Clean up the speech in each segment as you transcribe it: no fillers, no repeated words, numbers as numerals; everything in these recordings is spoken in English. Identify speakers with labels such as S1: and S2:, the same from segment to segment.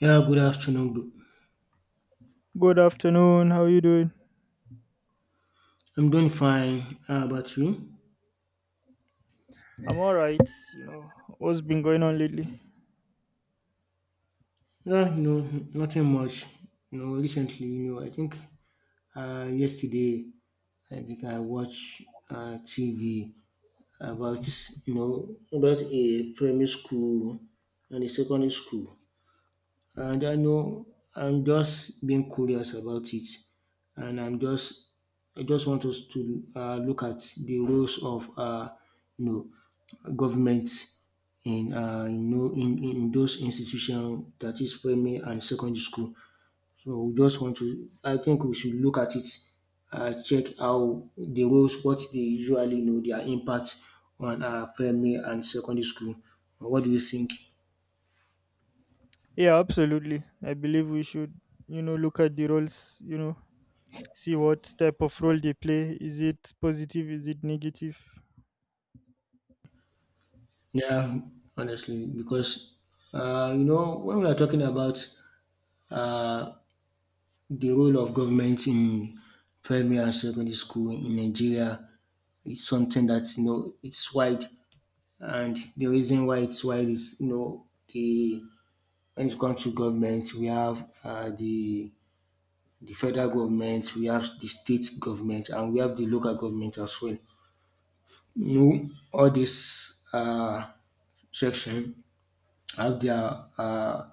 S1: Yeah, good afternoon, bro.
S2: Good afternoon. How you doing?
S1: I'm doing fine. How about you?
S2: I'm all right. You know what's been going on lately?
S1: Yeah, you know, nothing much. You know, recently, I think yesterday, I think I watched TV about, about a primary school and a secondary school. I don't know. I'm just being curious about it, and I just want us to look at the roles of you know, governments in in those institutions, that is primary and secondary school. So we just want to. I think we should look at it, check how the roles, what they usually know, their impact on primary and secondary school. What do you think?
S2: Yeah, absolutely. I believe we should, you know, look at the roles. You know, see what type of role they play. Is it positive? Is it negative?
S1: Yeah, honestly, because you know, when we are talking about uh, the role of government in primary and secondary school in Nigeria, it's something that, you know, it's wide, and the reason why it's wide is, you know, the when it comes to government, we have the federal government, we have the state government, and we have the local government as well. You know, all this section have their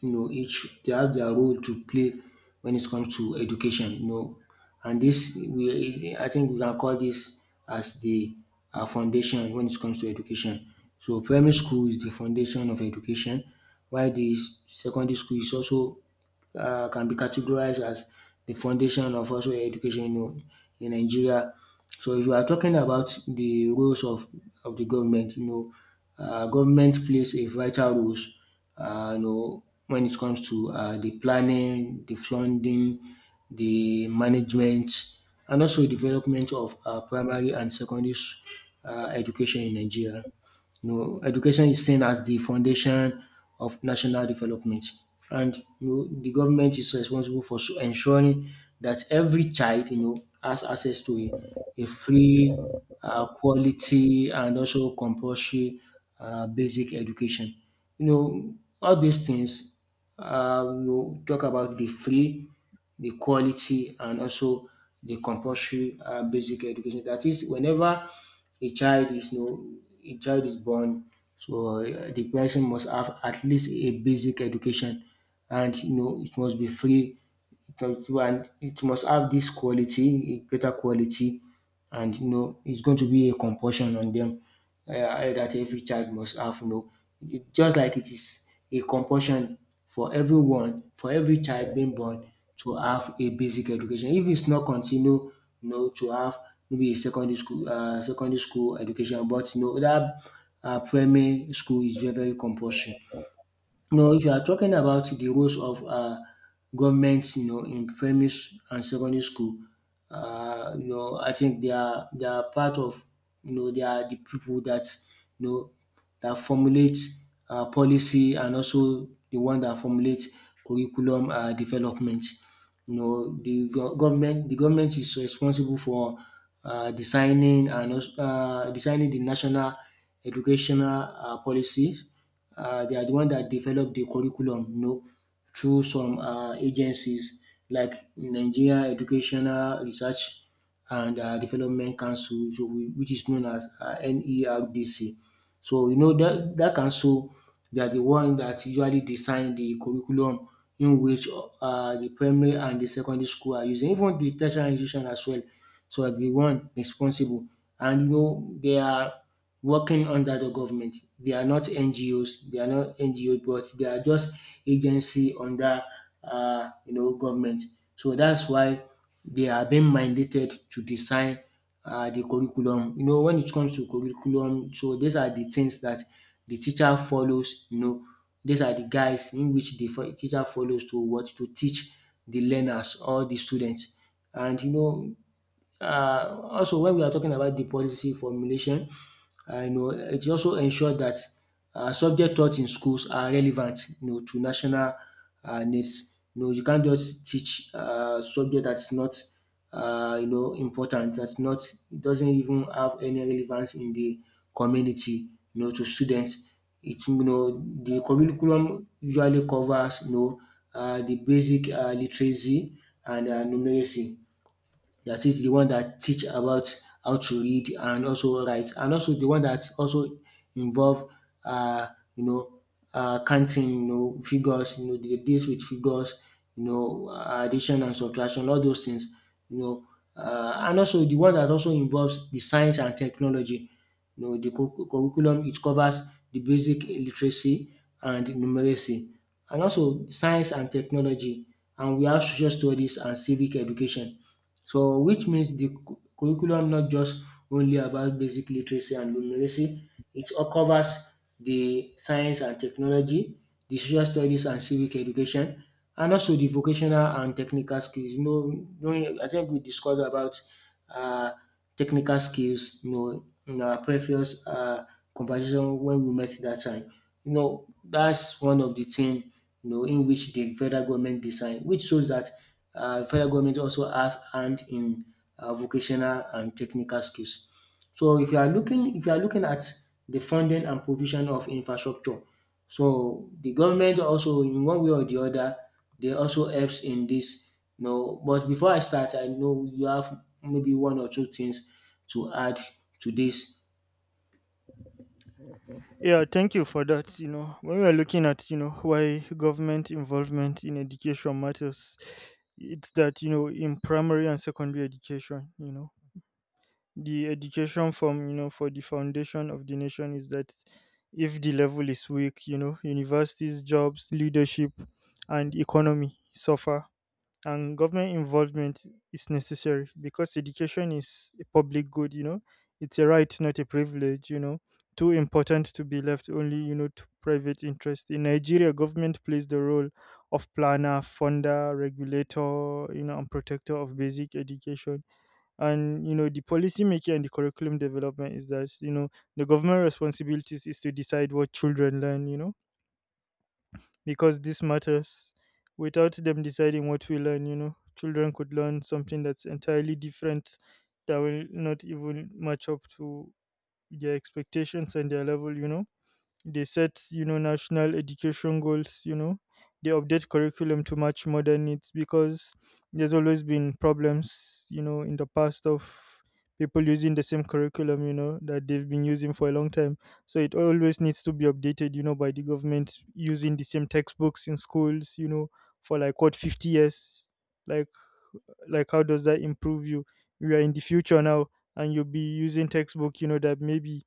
S1: you know, each they have their role to play when it comes to education, you know. And I think we can call this as the foundation when it comes to education. So primary school is the foundation of education, while the secondary school is also can be categorized as the foundation of also education, you know, in Nigeria. So if you are talking about the roles of the government, you know, government plays a vital role, when it comes to the planning, the funding, the management, and also development of primary and education in Nigeria. You know, education is seen as the foundation of national development, and, you know, the government is responsible for ensuring that every child, you know, has access to a free, quality, and also compulsory basic education. You know, all these things, talk about the free, the quality, and also the compulsory basic education. That is, whenever a child is no a child is born, so the person must have at least a basic education, and you know it must be free, and it must have this quality, a better quality, and you know it's going to be a compulsion on them, that every child must have. You know, just like it is a compulsion for everyone, for every child being born, to have a basic education. If it's not continue, you know, to have maybe a secondary school, education, but you know that primary school is very, very compulsory. No, if you are talking about the roles of government, you know, in and secondary school, you know, I think they are part of, you know, they are the people that you know that formulate policy, and also the one that formulate curriculum development. You know, the go- government the government is responsible for designing the national educational policies. They are the one that develop the curriculum, you know, through some agencies like Nigeria Educational Research and Development Council, which is known as NERDC. So you know that council, they are the one that usually design the curriculum in which the primary and the secondary school are using. Even the tertiary institution as well, so are the one responsible, and you know they are working under the government. They are not NGOs, they are not NGO but they are just agency under you know, government. So that's why they are being mandated to design the curriculum. You know, when it comes to curriculum, so these are the things that the teacher follows, you know, these are the guides in which the teacher follows to what to teach the learners or the students. And you know, also when we are talking about the policy formulation, you know, it also ensures that subject taught in schools are relevant, you know, to national needs. You know, you can't just teach subject that's not, you know, important. That's not, it doesn't even have any relevance in the community. You know, to students, it, you know, the curriculum usually covers, you know, the basic literacy and numeracy. That is the one that teach about how to read and also write, and also the one that also involve uh, you know counting, you know, figures, you know, dey deals with figures, you know, addition and subtraction, all those things, you know, and also the one that also involves the science and technology. You know, the cu curriculum, it covers the basic literacy and numeracy, and also science and technology, and we have social studies and civic education. So which means the curriculum not just only about basic literacy and numeracy, it all covers the science and technology, the social studies and civic education, and also the vocational and technical skills. You know, I think we discussed about uh, technical skills, you know, in our previous conversation when we met that time. You know, that's one of the things, you know, in which the federal government design, which shows that federal government also has hand in vocational and technical skills. So if you are looking at the funding and provision of infrastructure, so the government also, in one way or the other, they also helps in this. You know, but before I start, I know you have maybe one or two things to add to this.
S2: Yeah, thank you for that. You know, when we are looking at, you know, why government involvement in education matters, it's that you know in primary and secondary education, you know. The education from you know for the foundation of the nation is that if the level is weak, you know, universities, jobs, leadership and economy suffer, and government involvement is necessary because education is a public good, you know, it's a right, not a privilege, you know, too important to be left only, you know, to private interest. In Nigeria, government plays the role of planner, funder, regulator, you know, and protector of basic education. And you know, the policy making and the curriculum development is that, you know, the government responsibilities is to decide what children learn, you know, because this matters. Without them deciding what we learn, you know, children could learn something that's entirely different, that will not even match up to their expectations and their level, you know. They set, you know, national education goals, you know. They update curriculum to match modern needs, because there's always been problems, you know, in the past of people using the same curriculum, you know, that they've been using for a long time. So it always needs to be updated, you know, by the government. Using the same textbooks in schools, you know, for like what, 50 years, like like how does that improve you? We are in the future now, and you'll be using textbook, you know, that maybe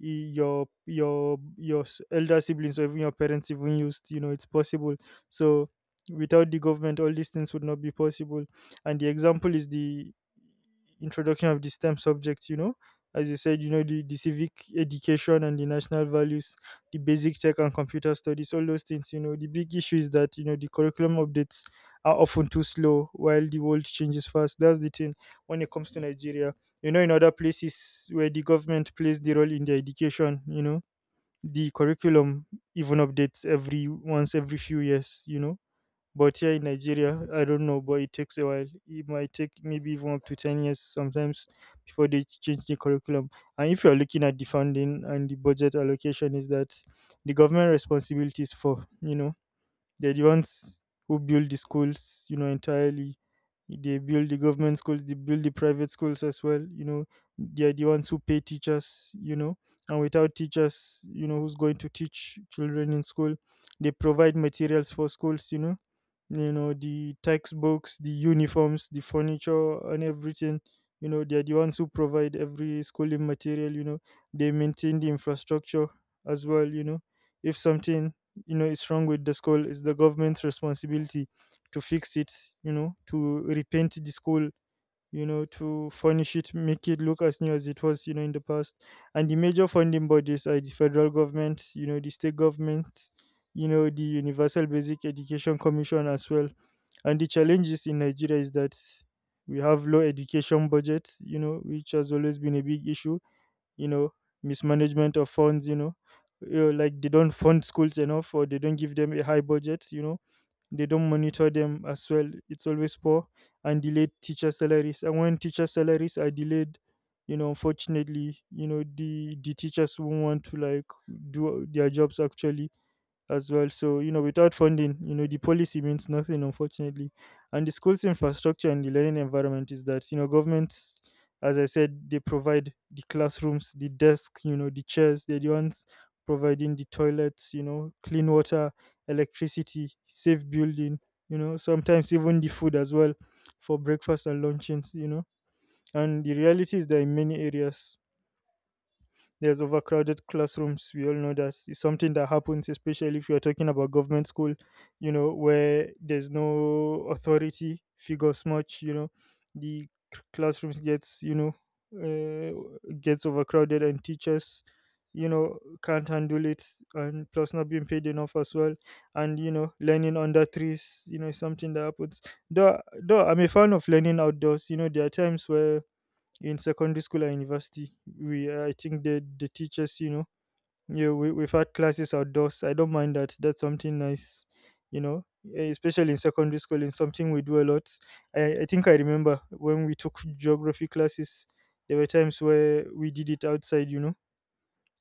S2: your elder siblings or even your parents even used, you know, it's possible. So without the government, all these things would not be possible. And the example is the introduction of the STEM subjects, you know, as you said, you know, the civic education and the national values, the basic tech and computer studies, all those things. You know, the big issue is that, you know, the curriculum updates are often too slow while the world changes fast. That's the thing when it comes to Nigeria. You know, in other places where the government plays the role in their education, you know, the curriculum even updates every once, every few years, you know. But here in Nigeria, I don't know, but it takes a while. It might take maybe even up to 10 years sometimes before they change the curriculum. And if you're looking at the funding and the budget allocation, is that the government responsibilities for, you know, they're the ones who build the schools, you know, entirely. They build the government schools, they build the private schools as well, you know. They're the ones who pay teachers, you know. And without teachers, you know, who's going to teach children in school? They provide materials for schools, you know, you know the textbooks, the uniforms, the furniture, and everything, you know. They're the ones who provide every schooling material, you know. They maintain the infrastructure as well, you know. If something, you know, is wrong with the school, it's the government's responsibility to fix it, you know, to repaint the school, you know, to furnish it, make it look as new as it was, you know, in the past. And the major funding bodies are the federal government, you know, the state government, you know, the Universal Basic Education Commission as well. And the challenges in Nigeria is that we have low education budget, you know, which has always been a big issue, you know, mismanagement of funds, you know, like they don't fund schools enough or they don't give them a high budget, you know, they don't monitor them as well, it's always poor. And delayed teacher salaries, and when teacher salaries are delayed, you know, unfortunately, you know, the teachers won't want to like do their jobs actually as well. So, you know, without funding, you know, the policy means nothing, unfortunately. And the school's infrastructure and the learning environment is that, you know, governments, as I said, they provide the classrooms, the desk, you know, the chairs, they're the ones providing the toilets, you know, clean water, electricity, safe building, you know, sometimes even the food as well for breakfast and luncheons, you know. And the reality is that in many areas, there's overcrowded classrooms. We all know that it's something that happens, especially if you're talking about government school, you know, where there's no authority figures much, you know, the classrooms gets, you know, gets overcrowded, and teachers, you know, can't handle it, and plus not being paid enough as well. And, you know, learning under trees, you know, is something that happens. Though, though I'm a fan of learning outdoors, you know, there are times where in secondary school and university. I think the teachers, you know, yeah, we've had classes outdoors. I don't mind that. That's something nice, you know, eh, especially in secondary school. It's something we do a lot. I think I remember when we took geography classes, there were times where we did it outside, you know,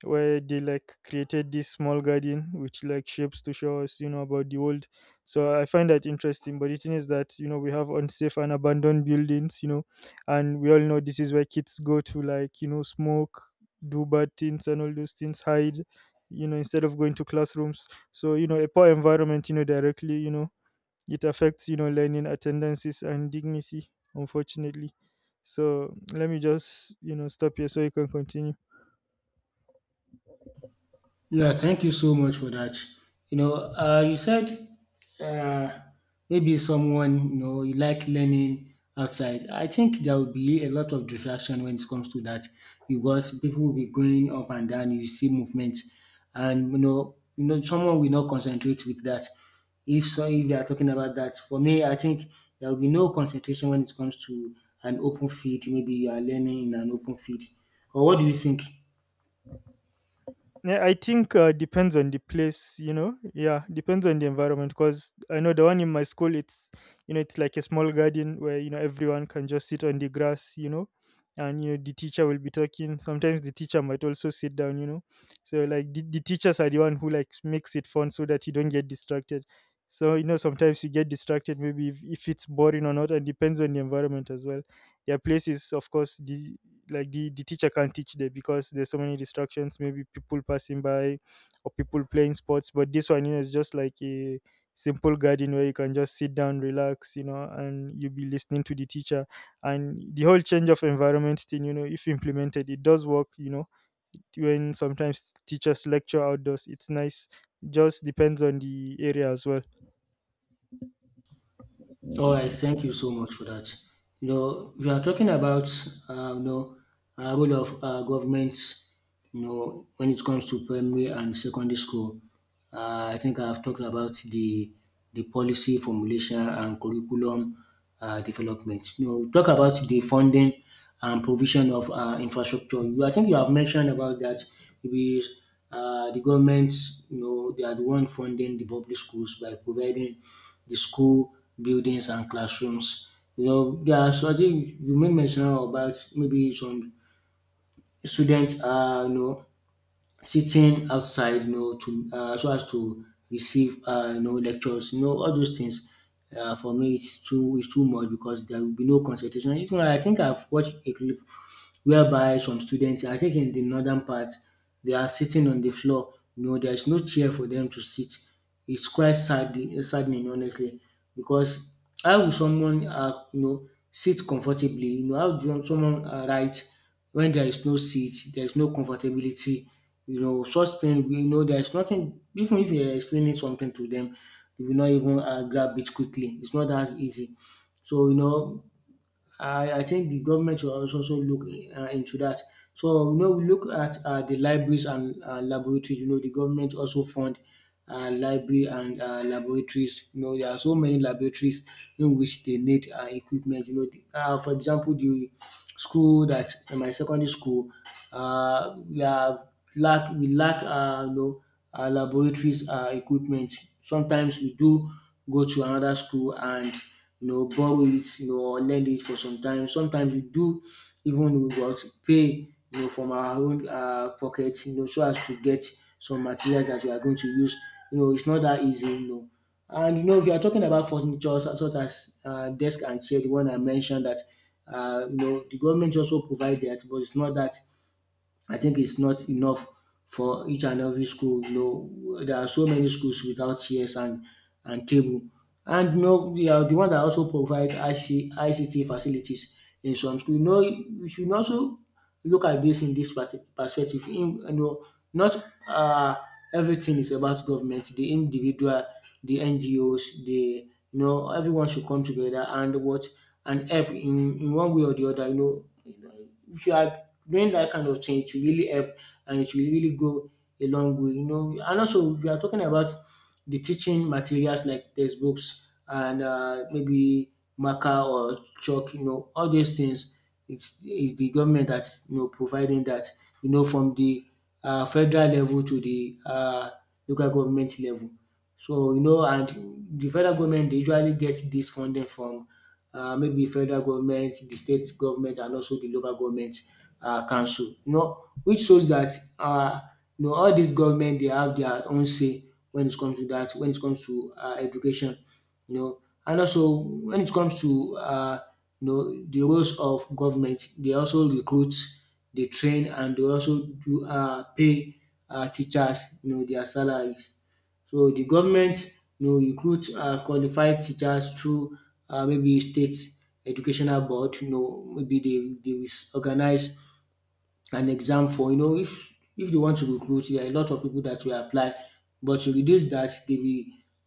S2: where they like created this small garden which like shapes to show us, you know, about the world. So I find that interesting, but the thing is that, you know, we have unsafe and abandoned buildings, you know, and we all know this is where kids go to like, you know, smoke, do bad things, and all those things, hide, you know, instead of going to classrooms. So you know, a poor environment, you know, directly, you know, it affects, you know, learning, attendances and dignity, unfortunately. So let me just, you know, stop here so you can continue.
S1: Yeah, thank you so much for that. You know, you said uh, maybe someone, you know, you like learning outside. I think there will be a lot of distraction when it comes to that, because people will be going up and down, you see movement, and you know, someone will not concentrate with that. If so, if they are talking about that, for me, I think there will be no concentration when it comes to an open field. Maybe you are learning in an open field. Or what do you think?
S2: Yeah, I think depends on the place, you know. Yeah, depends on the environment, because I know the one in my school, it's, you know, it's like a small garden where you know everyone can just sit on the grass, you know, and you know the teacher will be talking. Sometimes the teacher might also sit down, you know. So like the teachers are the one who like makes it fun so that you don't get distracted. So you know sometimes you get distracted, maybe if it's boring or not, and depends on the environment as well. There are places, of course, the, like the teacher can't teach there because there's so many distractions, maybe people passing by or people playing sports. But this one, you know, is just like a simple garden where you can just sit down, relax, you know, and you'll be listening to the teacher. And the whole change of environment thing, you know, if implemented, it does work, you know. When sometimes teachers lecture outdoors, it's nice. Just depends on the area as well.
S1: All right, thank you so much for that. You know, we are talking about uh, you know role of government. You know, when it comes to primary and secondary school, I think I've talked about the policy formulation and curriculum development. You know, talk about the funding and provision of infrastructure. You, I think you have mentioned about that. Maybe the government, you know, they are the one funding the public schools by providing the school buildings and classrooms. You know, there are, so I think you made mention about maybe some students are, you know, sitting outside, you know, to so as to receive you know, lectures. You know, all those things. For me, it's too much because there will be no concentration. Even I think I've watched a clip whereby some students are taking the northern part, they are sitting on the floor. You know, there is no chair for them to sit. It's quite saddening, honestly, because how will someone you know, sit comfortably? You know, how do someone write when there is no seat, there is no comfortability? You know, such thing, we know, there is nothing, even if you're explaining something to them, they will not even grab it quickly. It's not that easy. So, you know, I think the government should also look into that. So you know, we look at the libraries and laboratories. You know, the government also fund library and laboratories. You know, there are so many laboratories in which they need equipment. You know, for example, the school that in my secondary school, we have lack we lack laboratories equipment. Sometimes we do go to another school and, you know, borrow it, you know, or lend it for some time. Sometimes we do even what pay, you know, from our own pocket, you know, so as to get some materials that we are going to use. You know, it's not that easy, you know. And you know, if you are talking about furniture such as desk and chair, the one I mentioned that you know the government also provide that, but it's not that I think it's not enough for each and every school. You know, there are so many schools without chairs and table, and you know we are the one that also provide ICT facilities in some school. You know, you should also look at this in this perspective. In, you know, not uh, everything is about government. The individual, the NGOs, the you know everyone should come together and what and help in one way or the other. You know, if you are doing that kind of thing, it will really help and it will really go a long way, you know. And also, we are talking about the teaching materials like textbooks and maybe marker or chalk, you know, all these things. It's the government that's you know providing that, you know, from the federal level to the local government level. So you know, and the federal government dey usually get dis funding from maybe federal government, the state government, and also the local government council, you know, which shows that um you know all these government they have their own say when it comes to that. When it comes to education, you know. And also when it comes to you know the roles of government, they also recruit, they train, and they also do pay teachers you know their salaries. So the government you know recruit qualified teachers through maybe state educational board, you know, maybe they dey organize an exam for you know if they want to recruit, there are a lot of people that will apply, but to reduce that, they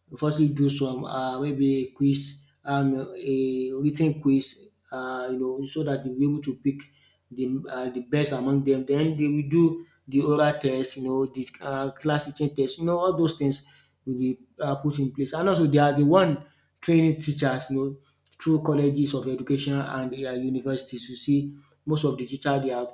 S1: will firstly do some maybe a quiz, a written quiz, you know, so that they will be able to pick the best among them. Then they will do the oral test, you know, the class teaching test, you know, all those things will be put in place. And also they are the one training teachers, you know, through colleges of education and universities. You see, most of the teacher they are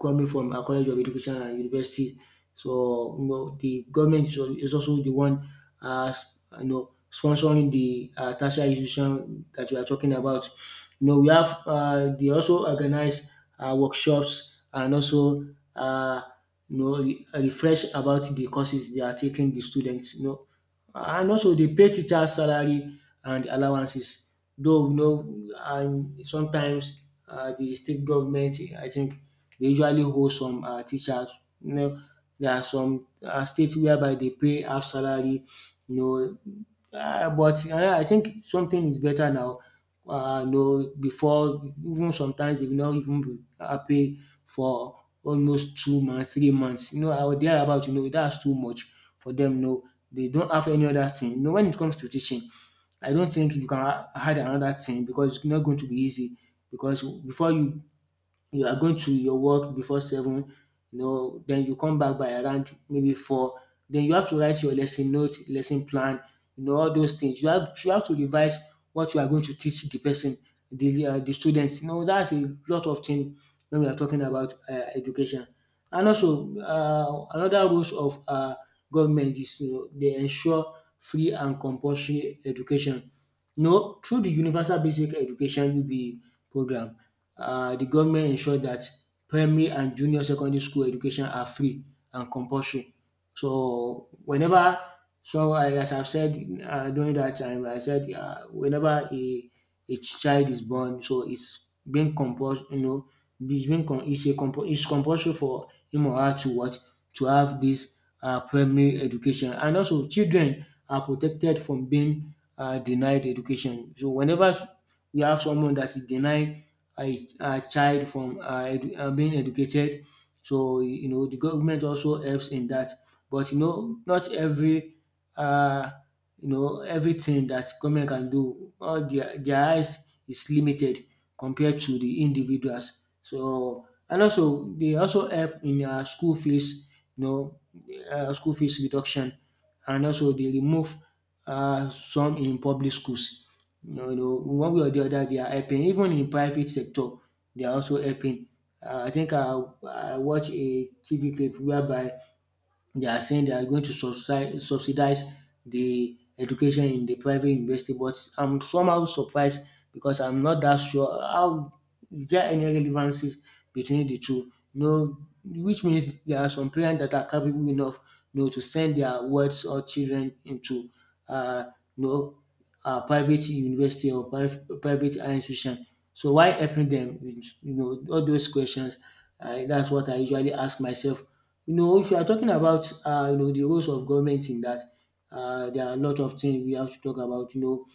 S1: coming from a College of Education and University. So you know the government is is also the one you know sponsoring the tertiary institution that we are talking about. You know we have they also organize workshops and also uh, you know refresh about the courses they are taking the students. You know, and also they pay teachers salary and allowances though, you know. And sometimes the state government, I think they usually hold some teachers. You know, there are some state whereby they pay half salary, you know, but I think something is better now. You know, before, even sometimes they will not even be pay for almost 2 months, 3 months, you know. I was there about, you know, that's too much for them, you know. Dey don't have any other thing. You know, when it comes to teaching, I don't think you can add another thing because it's not going to be easy, because before you you are going to your work before seven, you know, then you come back by around maybe four. Then you have to write your lesson note, lesson plan, you know, all those things. You have to revise what you are going to teach the person, the students. You know, that's a lot of things when we are talking about education. And also, another rules of government is, you know, they ensure free and compulsory education. You know, through the universal basic education UBE program, the government ensure that primary and junior secondary school education are free and compulsory. So whenever, so as I've said, during that time I said, whenever a child is born, so it's being compuls you know, it's being com it's a compu it's compulsory for him or her to what, to have this primary education. And also children are protected from being denied education. So whenever we have someone that is denied a child from being educated. So you know the government also helps in that, but you know not every uh, you know everything that government can do. All their eyes is limited compared to the individuals. So and also they also help in school fees. You know, school fees reduction, and also they remove some in public schools. No, no, one way or the other, they are helping. Even in private sector, they are also helping. I think I watched a TV clip whereby they are saying they are going to subsidize the education in the private university, but I'm somehow surprised because I'm not that sure how, is there any relevances between the two. No, which means there are some parents that are capable enough, you know, to send their wards or children into, uh, you know, a private university or private higher institution. So why helping them? You know, all those questions. That's what I usually ask myself, you know. If you are talking about, you know, the roles of government in that, there are a lot of things we have to talk about. You know,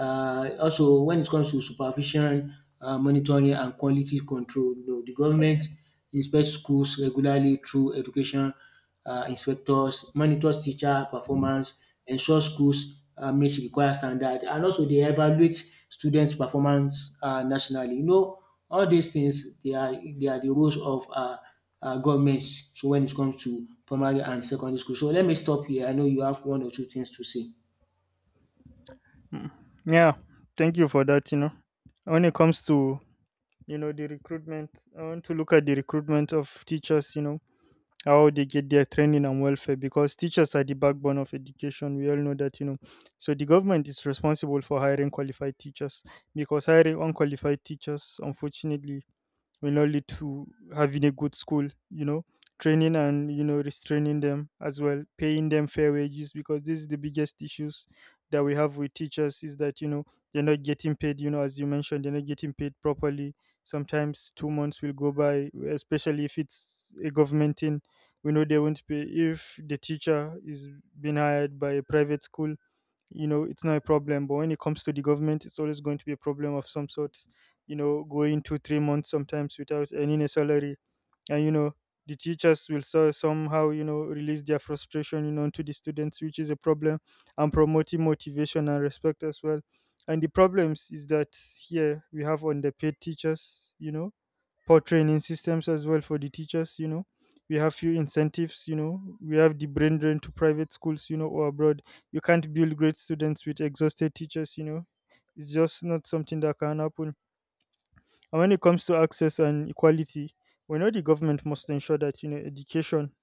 S1: also, when it comes to supervision, monitoring, and quality control, you know, the government inspects schools regularly through education inspectors, monitors teacher performance, ensures schools meet required standard, and also they evaluate students' performance nationally. You know, all these things they are the roles of governments. So when it comes to primary and secondary school, so let me stop here. I know you have one or two things to say.
S2: Mm. Yeah, thank you for that. You know, when it comes to, you know, the recruitment, I want to look at the recruitment of teachers, you know, how they get their training and welfare, because teachers are the backbone of education, we all know that, you know. So the government is responsible for hiring qualified teachers, because hiring unqualified teachers, unfortunately, will not lead to having a good school, you know, training and, you know, restraining them as well, paying them fair wages, because this is the biggest issues that we have with teachers is that, you know, they're not getting paid, you know, as you mentioned, they're not getting paid properly. Sometimes 2 months will go by, especially if it's a government thing. We know they won't pay. If the teacher is being hired by a private school, you know it's not a problem, but when it comes to the government it's always going to be a problem of some sort, you know, going 2, 3 months sometimes without earning a salary. And you know the teachers will, so, somehow you know release their frustration, you know, to the students, which is a problem. And promoting motivation and respect as well. And the problems is that here we have underpaid teachers, you know, poor training systems as well for the teachers, you know. We have few incentives, you know. We have the brain drain to private schools, you know, or abroad. You can't build great students with exhausted teachers, you know. It's just not something that can happen. And when it comes to access and equality, we know the government must ensure that, you know, education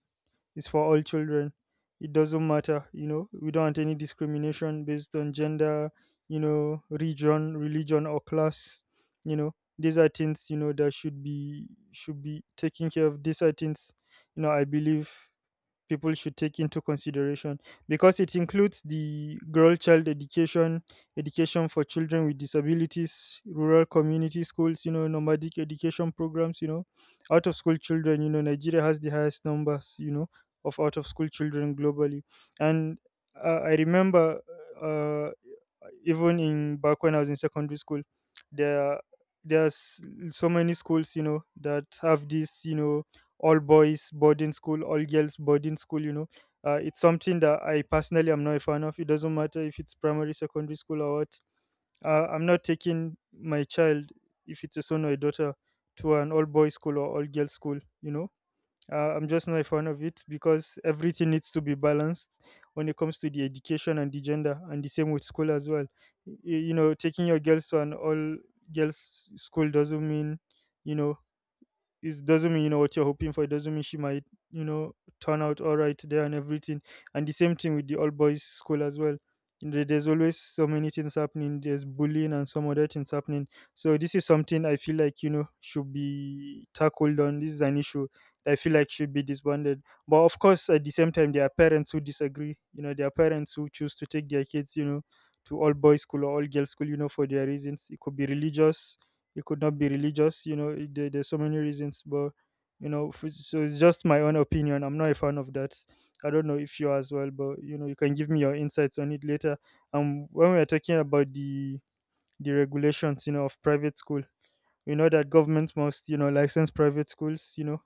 S2: is for all children. It doesn't matter, you know. We don't want any discrimination based on gender, you know, region, religion, or class. You know, these are things you know that should be taken care of. These are things, I believe people should take into consideration because it includes the girl child education, education for children with disabilities, rural community schools, nomadic education programs, out of school children, Nigeria has the highest numbers, of out of school children globally. And I remember, uh, even in back when I was in secondary school, there there's so many schools that have this, all boys boarding school, all girls boarding school. It's something that I personally am not a fan of. It doesn't matter if it's primary, secondary school, or what. I'm not taking my child, if it's a son or a daughter, to an all boys school or all girls school. I'm just not a fan of it because everything needs to be balanced when it comes to the education and the gender, and the same with school as well. Taking your girls to an all girls school doesn't mean, you know, it doesn't mean what you're hoping for. It doesn't mean she might, you know turn out all right there and everything. And the same thing with the all boys school as well. There's always so many things happening. There's bullying and some other things happening. So this is something I feel like, should be tackled on. This is an issue I feel like should be disbanded. But of course, at the same time, there are parents who disagree. There are parents who choose to take their kids, to all boys school or all girls school, for their reasons. It could be religious, it could not be religious, there's so many reasons. But so it's just my own opinion. I'm not a fan of that. I don't know if you are as well, but you can give me your insights on it later. When we are talking about the regulations, of private school, we know that governments must, license private schools,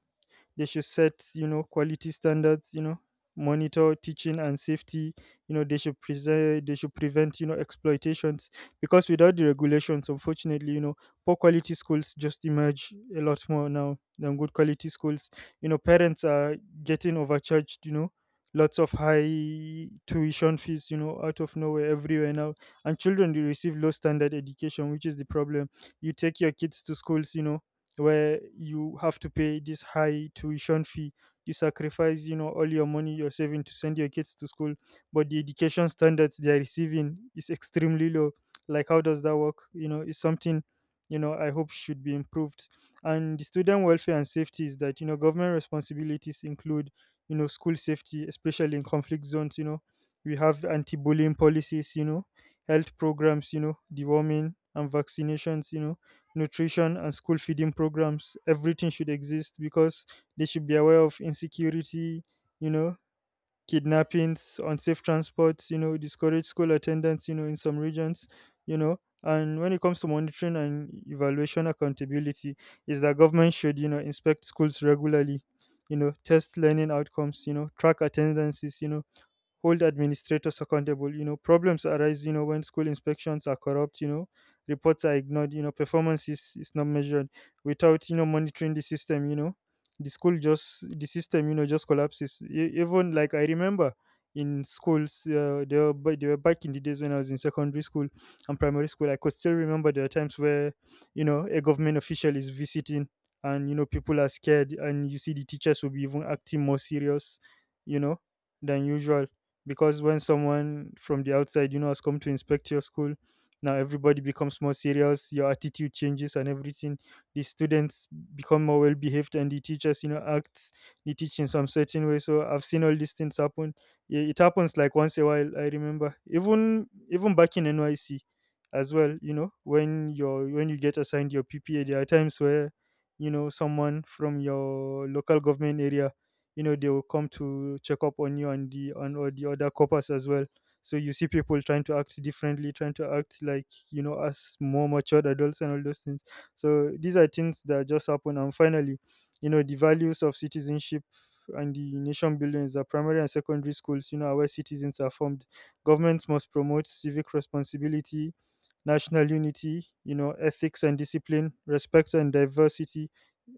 S2: they should set, quality standards, monitor teaching and safety. They should prevent, exploitations, because without the regulations, unfortunately, poor quality schools just emerge a lot more now than good quality schools. Parents are getting overcharged, lots of high tuition fees, out of nowhere, everywhere now. And children, they receive low standard education, which is the problem. You take your kids to schools, where you have to pay this high tuition fee. You sacrifice, all your money you're saving to send your kids to school, but the education standards they are receiving is extremely low. Like, how does that work? It's something, I hope, should be improved. And the student welfare and safety is that, government responsibilities include, school safety, especially in conflict zones. We have anti-bullying policies, health programs, deworming and vaccinations, nutrition and school feeding programs. Everything should exist because they should be aware of insecurity, you know kidnappings, unsafe transports, discourage school attendance, in some regions. And when it comes to monitoring and evaluation accountability, is that government should, inspect schools regularly, test learning outcomes, track attendances, hold administrators accountable. Problems arise, when school inspections are corrupt, reports are ignored, performance is not measured. Without, monitoring the system, the system just collapses. Even like, I remember, in schools, they were, back in the days when I was in secondary school and primary school, I could still remember there are times where, a government official is visiting, and people are scared, and you see the teachers will be even acting more serious, you know than usual, because when someone from the outside, has come to inspect your school, now everybody becomes more serious, your attitude changes and everything. The students become more well behaved, and the teachers, act, they teach in some certain way. So I've seen all these things happen. Yeah, it happens like once a while. I remember, even back in NYC as well, when you're, when you get assigned your PPA, there are times where, someone from your local government area, they will come to check up on you and the on all the other coppers as well. So you see people trying to act differently, trying to act like, as more matured adults and all those things. So these are things that just happen. And finally, the values of citizenship and the nation building is that primary and secondary schools, are where citizens are formed. Governments must promote civic responsibility, national unity, ethics and discipline, respect and diversity.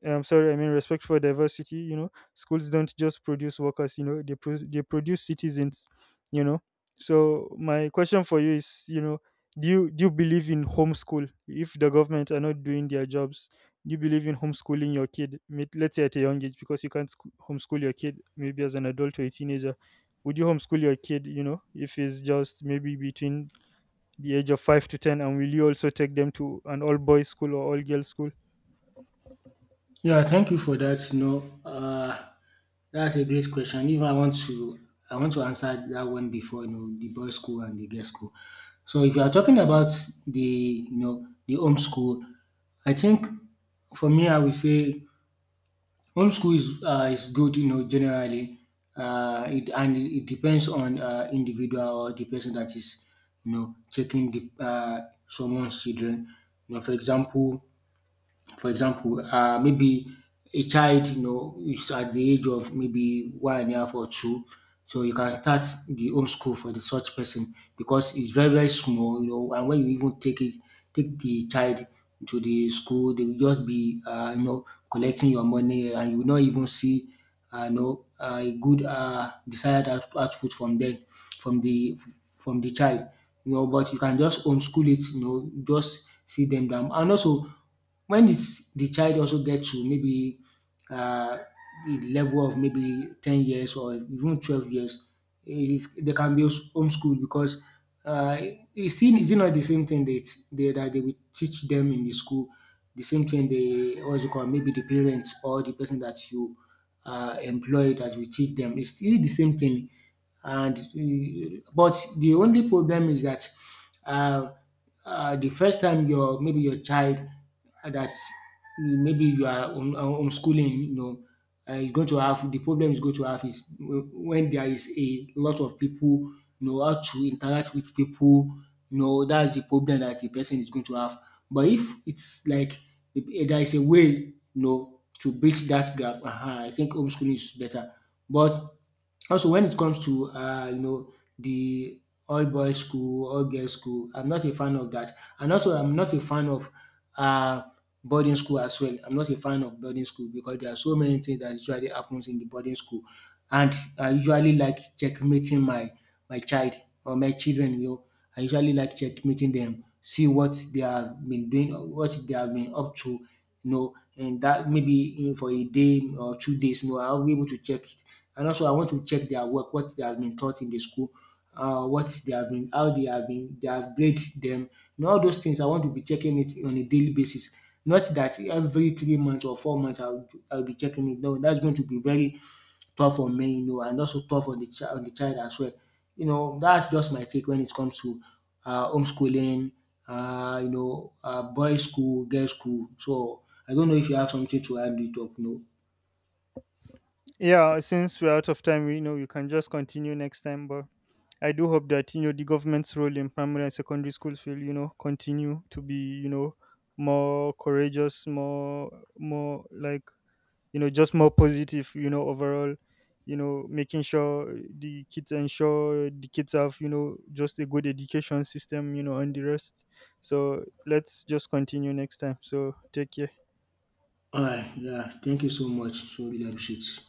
S2: I'm sorry, I mean respect for diversity. You know, schools don't just produce workers. You know, they they produce citizens. You know, so my question for you is, do you believe in homeschool? If the government are not doing their jobs, do you believe in homeschooling your kid? Let's say at a young age, because you can't homeschool your kid maybe as an adult or a teenager. Would you homeschool your kid, if it's just maybe between the age of 5 to 10, and will you also take them to an all boys school or all girls school?
S1: Yeah, thank you for that. You know, that's a great question. If I want to, I want to answer that one before you know the boys' school and the girls' school. So if you are talking about the you know the homeschool, I think for me I would say homeschool is good. You know, generally, it and it depends on individual or the person that is you know taking the someone's children. You know, for example, maybe a child, you know, is at the age of maybe one and a half or two, so you can start the homeschool for the such person because it's very small, you know. And when you even take it, take the child to the school, they will just be, you know, collecting your money, and you will not even see no, a good desired output from them, from the from the child. You know, but you can just homeschool it. You know, just sit them down. And also, the child also gets to maybe uh, the level of maybe 10 years or even 12 years, it is they can be homeschooled because uh, is it not the same thing that that they will teach them in the school? The same thing they, what is it called? Maybe the parents or the person that you employ that will teach them. It's still the same thing, and but the only problem is that uh, the first time your, maybe your child that maybe you are homeschooling, you know, is going to have the problem, is going to have is when there is a lot of people, you know, how to interact with people. You know, that's the problem that the person is going to have, but if it's like if there is a way, you know, to bridge that gap, uh-huh, I think homeschooling is better. But also, when it comes to you know the all boys school, all girls school, I'm not a fan of that. And also I'm not a fan of uh, boarding school as well. I'm not a fan of boarding school because there are so many things that usually happens in the boarding school, and I usually like checkmating my my child or my children. You know, I usually like checkmating them, see what they have been doing, or what they have been up to. You know, and that maybe, you know, for a day or 2 days, you know, I'll be able to check. And also, I want to check their work, what they have been taught in the school, what they have been, how they have been, they have grade them. You know, all those things, I want to be checking it on a daily basis. Not that every 3 months or 4 months I'll be checking it. No, that's going to be very tough on me, you know, and also tough on the child as well. You know, that's just my take when it comes to homeschooling, you know, boys school, girls school. So I don't know if you have something to add it up, no.
S2: Yeah, since we're out of time, we know you can just continue next time. But I do hope that, the government's role in primary and secondary schools will, continue to be, more courageous, more, just more positive, overall, making sure, the kids ensure the kids have, just a good education system, and the rest. So let's just continue next time. So take care.
S1: Alright, yeah, thank you so much. So really appreciate.